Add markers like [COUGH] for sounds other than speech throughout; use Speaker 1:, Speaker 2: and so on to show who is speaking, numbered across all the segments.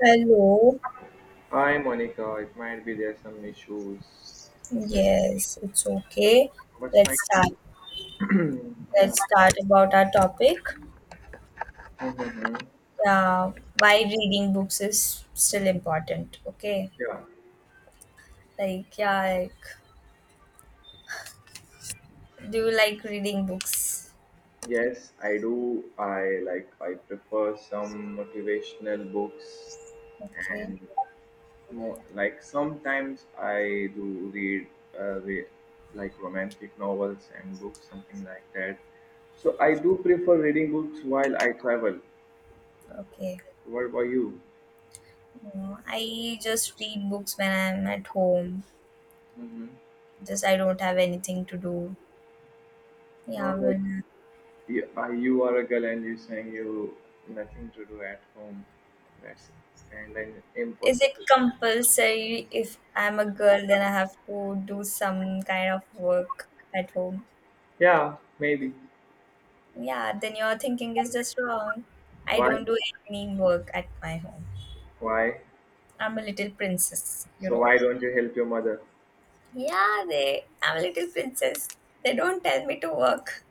Speaker 1: Hello.
Speaker 2: Hi Monica, it might be there's some issues.
Speaker 1: Yes, it's okay.
Speaker 2: I was trying
Speaker 1: Let's start.
Speaker 2: to [CLEARS THROAT] yeah.
Speaker 1: Let's start about our topic.
Speaker 2: Mhm.
Speaker 1: Yeah, why reading books is still important. Okay.
Speaker 2: Yeah.
Speaker 1: Like yeah, like do you like reading books?
Speaker 2: Yes, I do. I prefer some motivational books
Speaker 1: Okay.
Speaker 2: and more, like sometimes I do read read like romantic novels and books, something like that. So I do prefer reading books while I travel.
Speaker 1: Okay.
Speaker 2: What about you?
Speaker 1: Mm, I just read books when I'm at home.
Speaker 2: Hmm.
Speaker 1: Just I don't have anything to do.
Speaker 2: No,
Speaker 1: Yeah,
Speaker 2: like,
Speaker 1: when
Speaker 2: you, you are a girl and you saying you nothing to do at home. That's kind of
Speaker 1: is it
Speaker 2: impossible.
Speaker 1: compulsory if I'm a girl then I have to do some kind of work at home?
Speaker 2: Yeah, maybe.
Speaker 1: Yeah, then your thinking is just wrong. I
Speaker 2: Why?
Speaker 1: don't do any work at my home.
Speaker 2: Why?
Speaker 1: I'm a little princess, you
Speaker 2: So
Speaker 1: know.
Speaker 2: why don't you help your mother?
Speaker 1: Yeah, they. I'm a little princess. They don't tell me to work.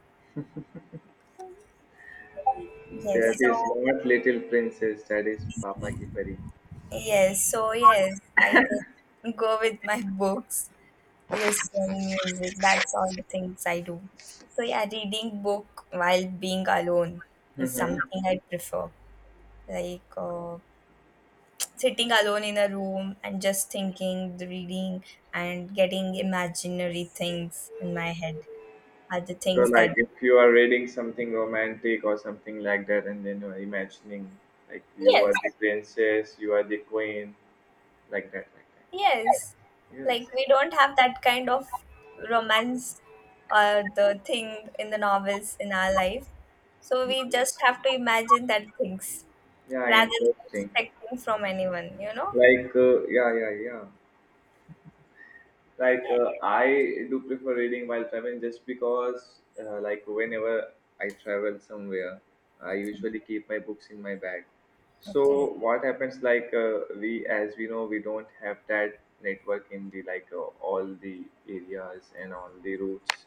Speaker 2: That
Speaker 1: Yes, so
Speaker 2: is not little princess. That is Papa ki pari.
Speaker 1: yes, so yes, I just go with my books, listen music. That's all things I do. So yeah, reading book while being alone is
Speaker 2: Hmm.
Speaker 1: something I prefer. Like uh, Sitting alone in a room and just thinking, reading, and getting imaginary things in my head are the
Speaker 2: So
Speaker 1: things that,
Speaker 2: like if you are reading something romantic or something like that, and then you are imagining like you are the
Speaker 1: yes,
Speaker 2: princess, you are the queen, like that, like that.
Speaker 1: yes.
Speaker 2: Yes.
Speaker 1: Like, we don't have that kind of romance or the thing in the novels in our life. So we just have
Speaker 2: Interesting.
Speaker 1: to imagine that things
Speaker 2: Yeah,
Speaker 1: rather than
Speaker 2: interesting.
Speaker 1: expecting from anyone, you know?
Speaker 2: Like, yeah. Like,
Speaker 1: Yeah.
Speaker 2: I do prefer reading while traveling just because, like, whenever I travel somewhere, I usually keep my books in my bag.
Speaker 1: Okay.
Speaker 2: So what happens, like, as we know, we don't have that network in the, like, all the areas and all the routes.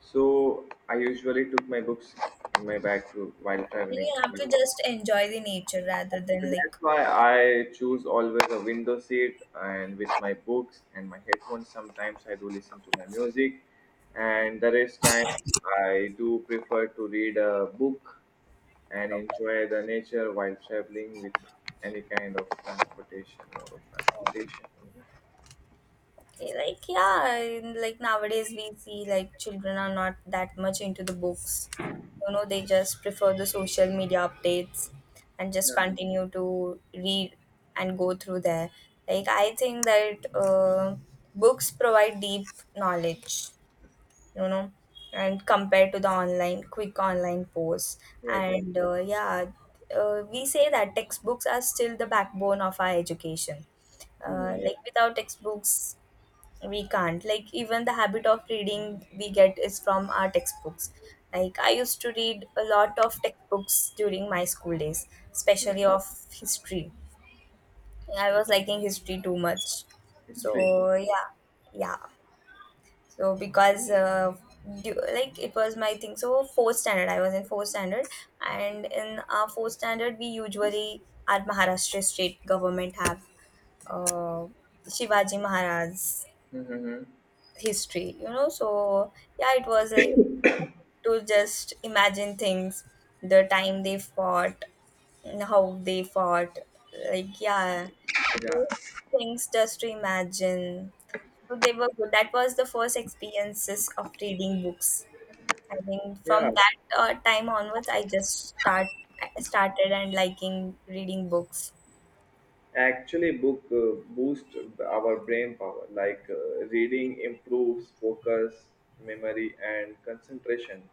Speaker 2: So I usually took my books in my bag, while
Speaker 1: Then
Speaker 2: traveling.
Speaker 1: you have to just enjoy the nature rather than
Speaker 2: That's why I choose always a window seat and with my books and my headphones. Sometimes I do listen to my music, and the rest time I do prefer to read a book and enjoy the nature while traveling with any kind of transportation mode of transportation.
Speaker 1: like yeah and, like nowadays we see like children are not that much into the books, you know, they just prefer the social media updates and just
Speaker 2: Yeah,
Speaker 1: continue to read and go through there. Like I think that books provide deep knowledge, you know, and compared to the online quick online posts.
Speaker 2: yeah, exactly.
Speaker 1: And yeah, we say that textbooks are still the backbone of our education.
Speaker 2: Hmm.
Speaker 1: Like without textbooks we can't, like even the habit of reading we get is from our textbooks. Like I used to read a lot of textbooks during my school days, especially of history. I was liking history too much. So
Speaker 2: History.
Speaker 1: yeah, yeah. So because like it was my thing, so fourth standard, I was in fourth standard, and in our fourth standard, we usually our Maharashtra state government have uh, Shivaji Maharaj
Speaker 2: Mm-hmm.
Speaker 1: history, you know. So yeah, it was like to just imagine things, the time they fought and how they fought. Like yeah, it
Speaker 2: Yeah,
Speaker 1: was things just to imagine. So they were good. That was the first experiences of reading books. I think
Speaker 2: yeah.
Speaker 1: from that time onwards I just start. I started and liking reading books.
Speaker 2: Actually, book boost our brain power. Like reading improves focus, memory, and concentration,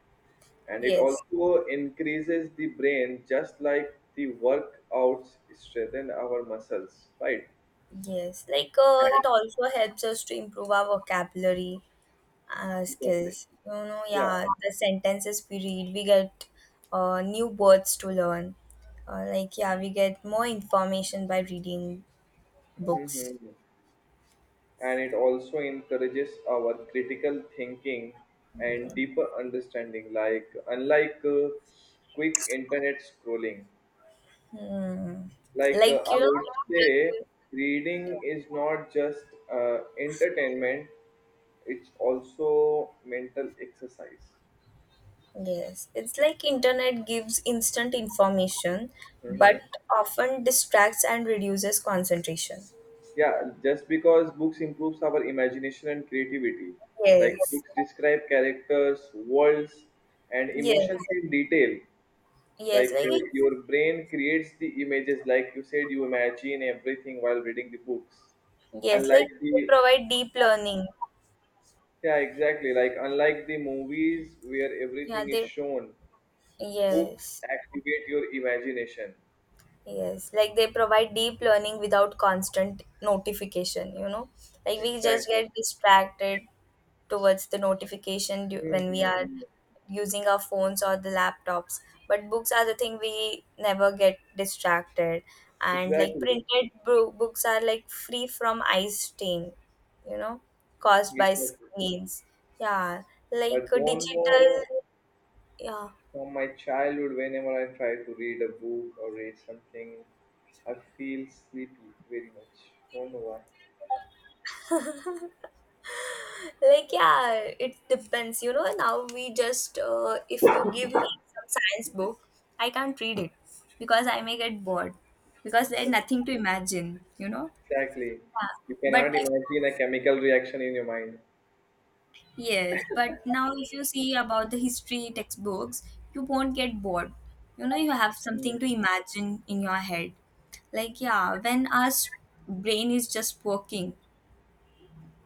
Speaker 2: and it
Speaker 1: Yes,
Speaker 2: also increases the brain. Just like the workouts strengthen our muscles, right?
Speaker 1: yes. It also helps us to improve our vocabulary
Speaker 2: Exactly.
Speaker 1: skills. You know,
Speaker 2: Yeah.
Speaker 1: yeah, the sentences we read, we get new words to learn. Like, yeah, we get more information by reading books.
Speaker 2: Mhm. And it also encourages our critical thinking and deeper understanding, like unlike quick internet scrolling. Like
Speaker 1: Like,
Speaker 2: I
Speaker 1: you know,
Speaker 2: would say
Speaker 1: internet-
Speaker 2: reading is not just entertainment, it's also mental exercise.
Speaker 1: yes, it's like internet gives instant information, but
Speaker 2: Mhm.
Speaker 1: often distracts and reduces concentration.
Speaker 2: Yeah, just because books improves our imagination and creativity. Like
Speaker 1: Yes,
Speaker 2: books describe characters, worlds, and
Speaker 1: yes,
Speaker 2: emotions in detail.
Speaker 1: yes,
Speaker 2: Like your brain creates the images, like you said, you imagine everything while reading the books,
Speaker 1: yes,
Speaker 2: unlike
Speaker 1: like
Speaker 2: the...
Speaker 1: they provide deep learning.
Speaker 2: Yeah, exactly. Like, unlike the movies where
Speaker 1: Yeah,
Speaker 2: everything is
Speaker 1: they,
Speaker 2: shown, books
Speaker 1: yes.
Speaker 2: activate your imagination.
Speaker 1: Yes, like they provide deep learning without constant notification, you know. Like we just
Speaker 2: Exactly.
Speaker 1: get distracted towards the notification
Speaker 2: Hmm,
Speaker 1: when we
Speaker 2: hmm,
Speaker 1: are
Speaker 2: hmm.
Speaker 1: using our phones or the laptops. But books are the thing we never get distracted. And like
Speaker 2: Exactly.
Speaker 1: books are like free from eye stain, you know, caused by
Speaker 2: Exactly.
Speaker 1: screens. Yeah, like
Speaker 2: But
Speaker 1: a
Speaker 2: don't
Speaker 1: digital,
Speaker 2: know,
Speaker 1: yeah,
Speaker 2: from my childhood, whenever I try to read a book or read something, I feel sleepy very much. Don't know why.
Speaker 1: like yeah, it depends, you know. Now we just if you give me some science book, I can't read it because I may get bored, because there's nothing to imagine, you know.
Speaker 2: Exactly.
Speaker 1: Yeah.
Speaker 2: You
Speaker 1: but
Speaker 2: cannot
Speaker 1: if,
Speaker 2: imagine a chemical reaction in your mind.
Speaker 1: yes, but now if you see about the history textbooks, you won't get bored, you know. You have
Speaker 2: Mm-hmm.
Speaker 1: something to imagine in your head. Like yeah, when our brain is just working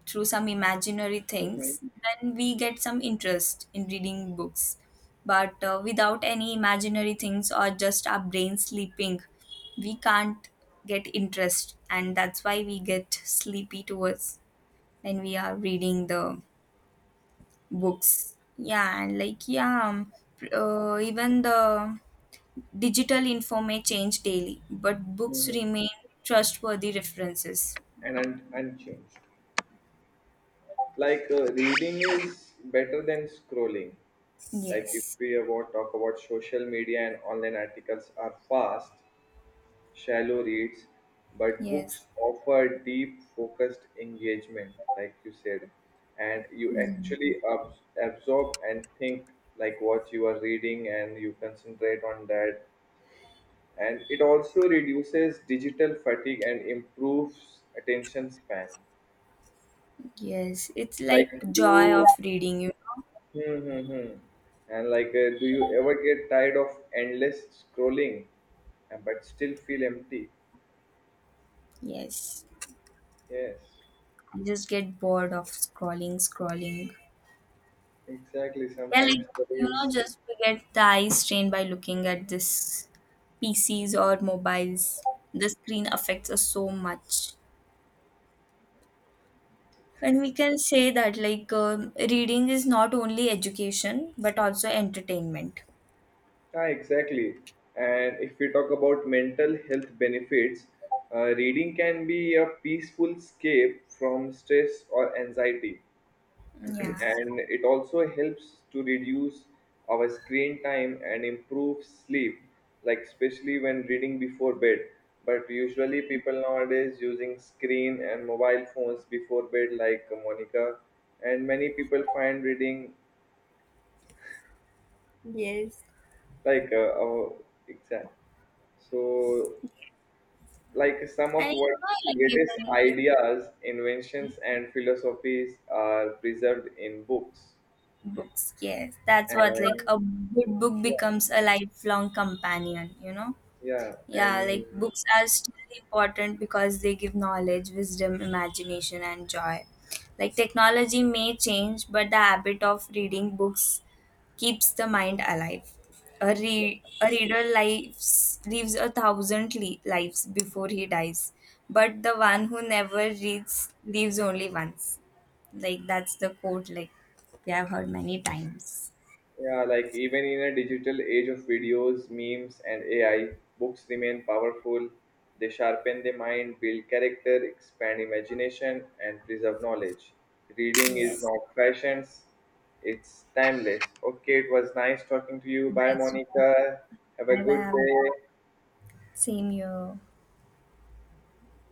Speaker 1: through some imaginary things, then we get some interest in reading books. But without any imaginary things or just our brain sleeping, we can't get interest, and that's why we get sleepy towards when we are reading the books. Yeah, and even the digital info may change daily, but books
Speaker 2: Mm-hmm.
Speaker 1: remain trustworthy references.
Speaker 2: And unchanged. Like reading is better than scrolling. Like if
Speaker 1: Yes,
Speaker 2: we about talk about social media and online articles are fast, shallow reads, but books
Speaker 1: yes.
Speaker 2: offer deep focused engagement, like you said, and you
Speaker 1: Mm-hmm.
Speaker 2: actually absorb and think like what you are reading, and you concentrate on that, and it also reduces digital fatigue and improves attention span.
Speaker 1: Yes, it's
Speaker 2: Like
Speaker 1: like
Speaker 2: do
Speaker 1: joy
Speaker 2: you
Speaker 1: of reading, you know.
Speaker 2: Hmm, hmm, hmm. And like, do you ever get tired of endless scrolling, and but still feel empty?
Speaker 1: Yes,
Speaker 2: Yes,
Speaker 1: I just get bored of scrolling, scrolling.
Speaker 2: exactly.
Speaker 1: Yeah,
Speaker 2: Sometimes
Speaker 1: like
Speaker 2: the
Speaker 1: you know,
Speaker 2: reels.
Speaker 1: just we get the eyes strained by looking at this PCs or mobiles. The screen affects us so much, and we
Speaker 2: Exactly.
Speaker 1: can say that reading is not only education but also entertainment.
Speaker 2: Ah, exactly. And if we talk about mental health benefits, reading can be a peaceful escape from stress or anxiety.
Speaker 1: Yeah.
Speaker 2: And it also helps to reduce our screen time and improve sleep, like especially when reading before bed, but usually people nowadays using screen and mobile phones before bed, like Monica, and many people find reading
Speaker 1: Yes.
Speaker 2: like oh, exact so like some of
Speaker 1: And you
Speaker 2: what's
Speaker 1: know, like
Speaker 2: greatest
Speaker 1: even
Speaker 2: ideas, inventions, and philosophies are preserved in books
Speaker 1: books, yes, that's what, like
Speaker 2: and
Speaker 1: a good book
Speaker 2: yeah,
Speaker 1: becomes a lifelong companion, you know.
Speaker 2: yeah,
Speaker 1: Yeah, like
Speaker 2: and
Speaker 1: books are still important because they give knowledge, wisdom, imagination, and joy. Like technology may change, but the habit of reading books keeps the mind alive. A reader lives, lives a thousand lives before he dies, but the one who never reads lives only once. Like that's the quote. Like we have heard many times.
Speaker 2: yeah, like even in a digital age of videos, memes, and AI, books remain powerful. They sharpen the mind, build character, expand imagination, and preserve knowledge. Reading is
Speaker 1: Yes,
Speaker 2: not fashions, it's timeless. Okay, it was nice talking to you. Bye,
Speaker 1: nice.
Speaker 2: Monica. Have a
Speaker 1: Bye
Speaker 2: good
Speaker 1: bye.
Speaker 2: day.
Speaker 1: Same here.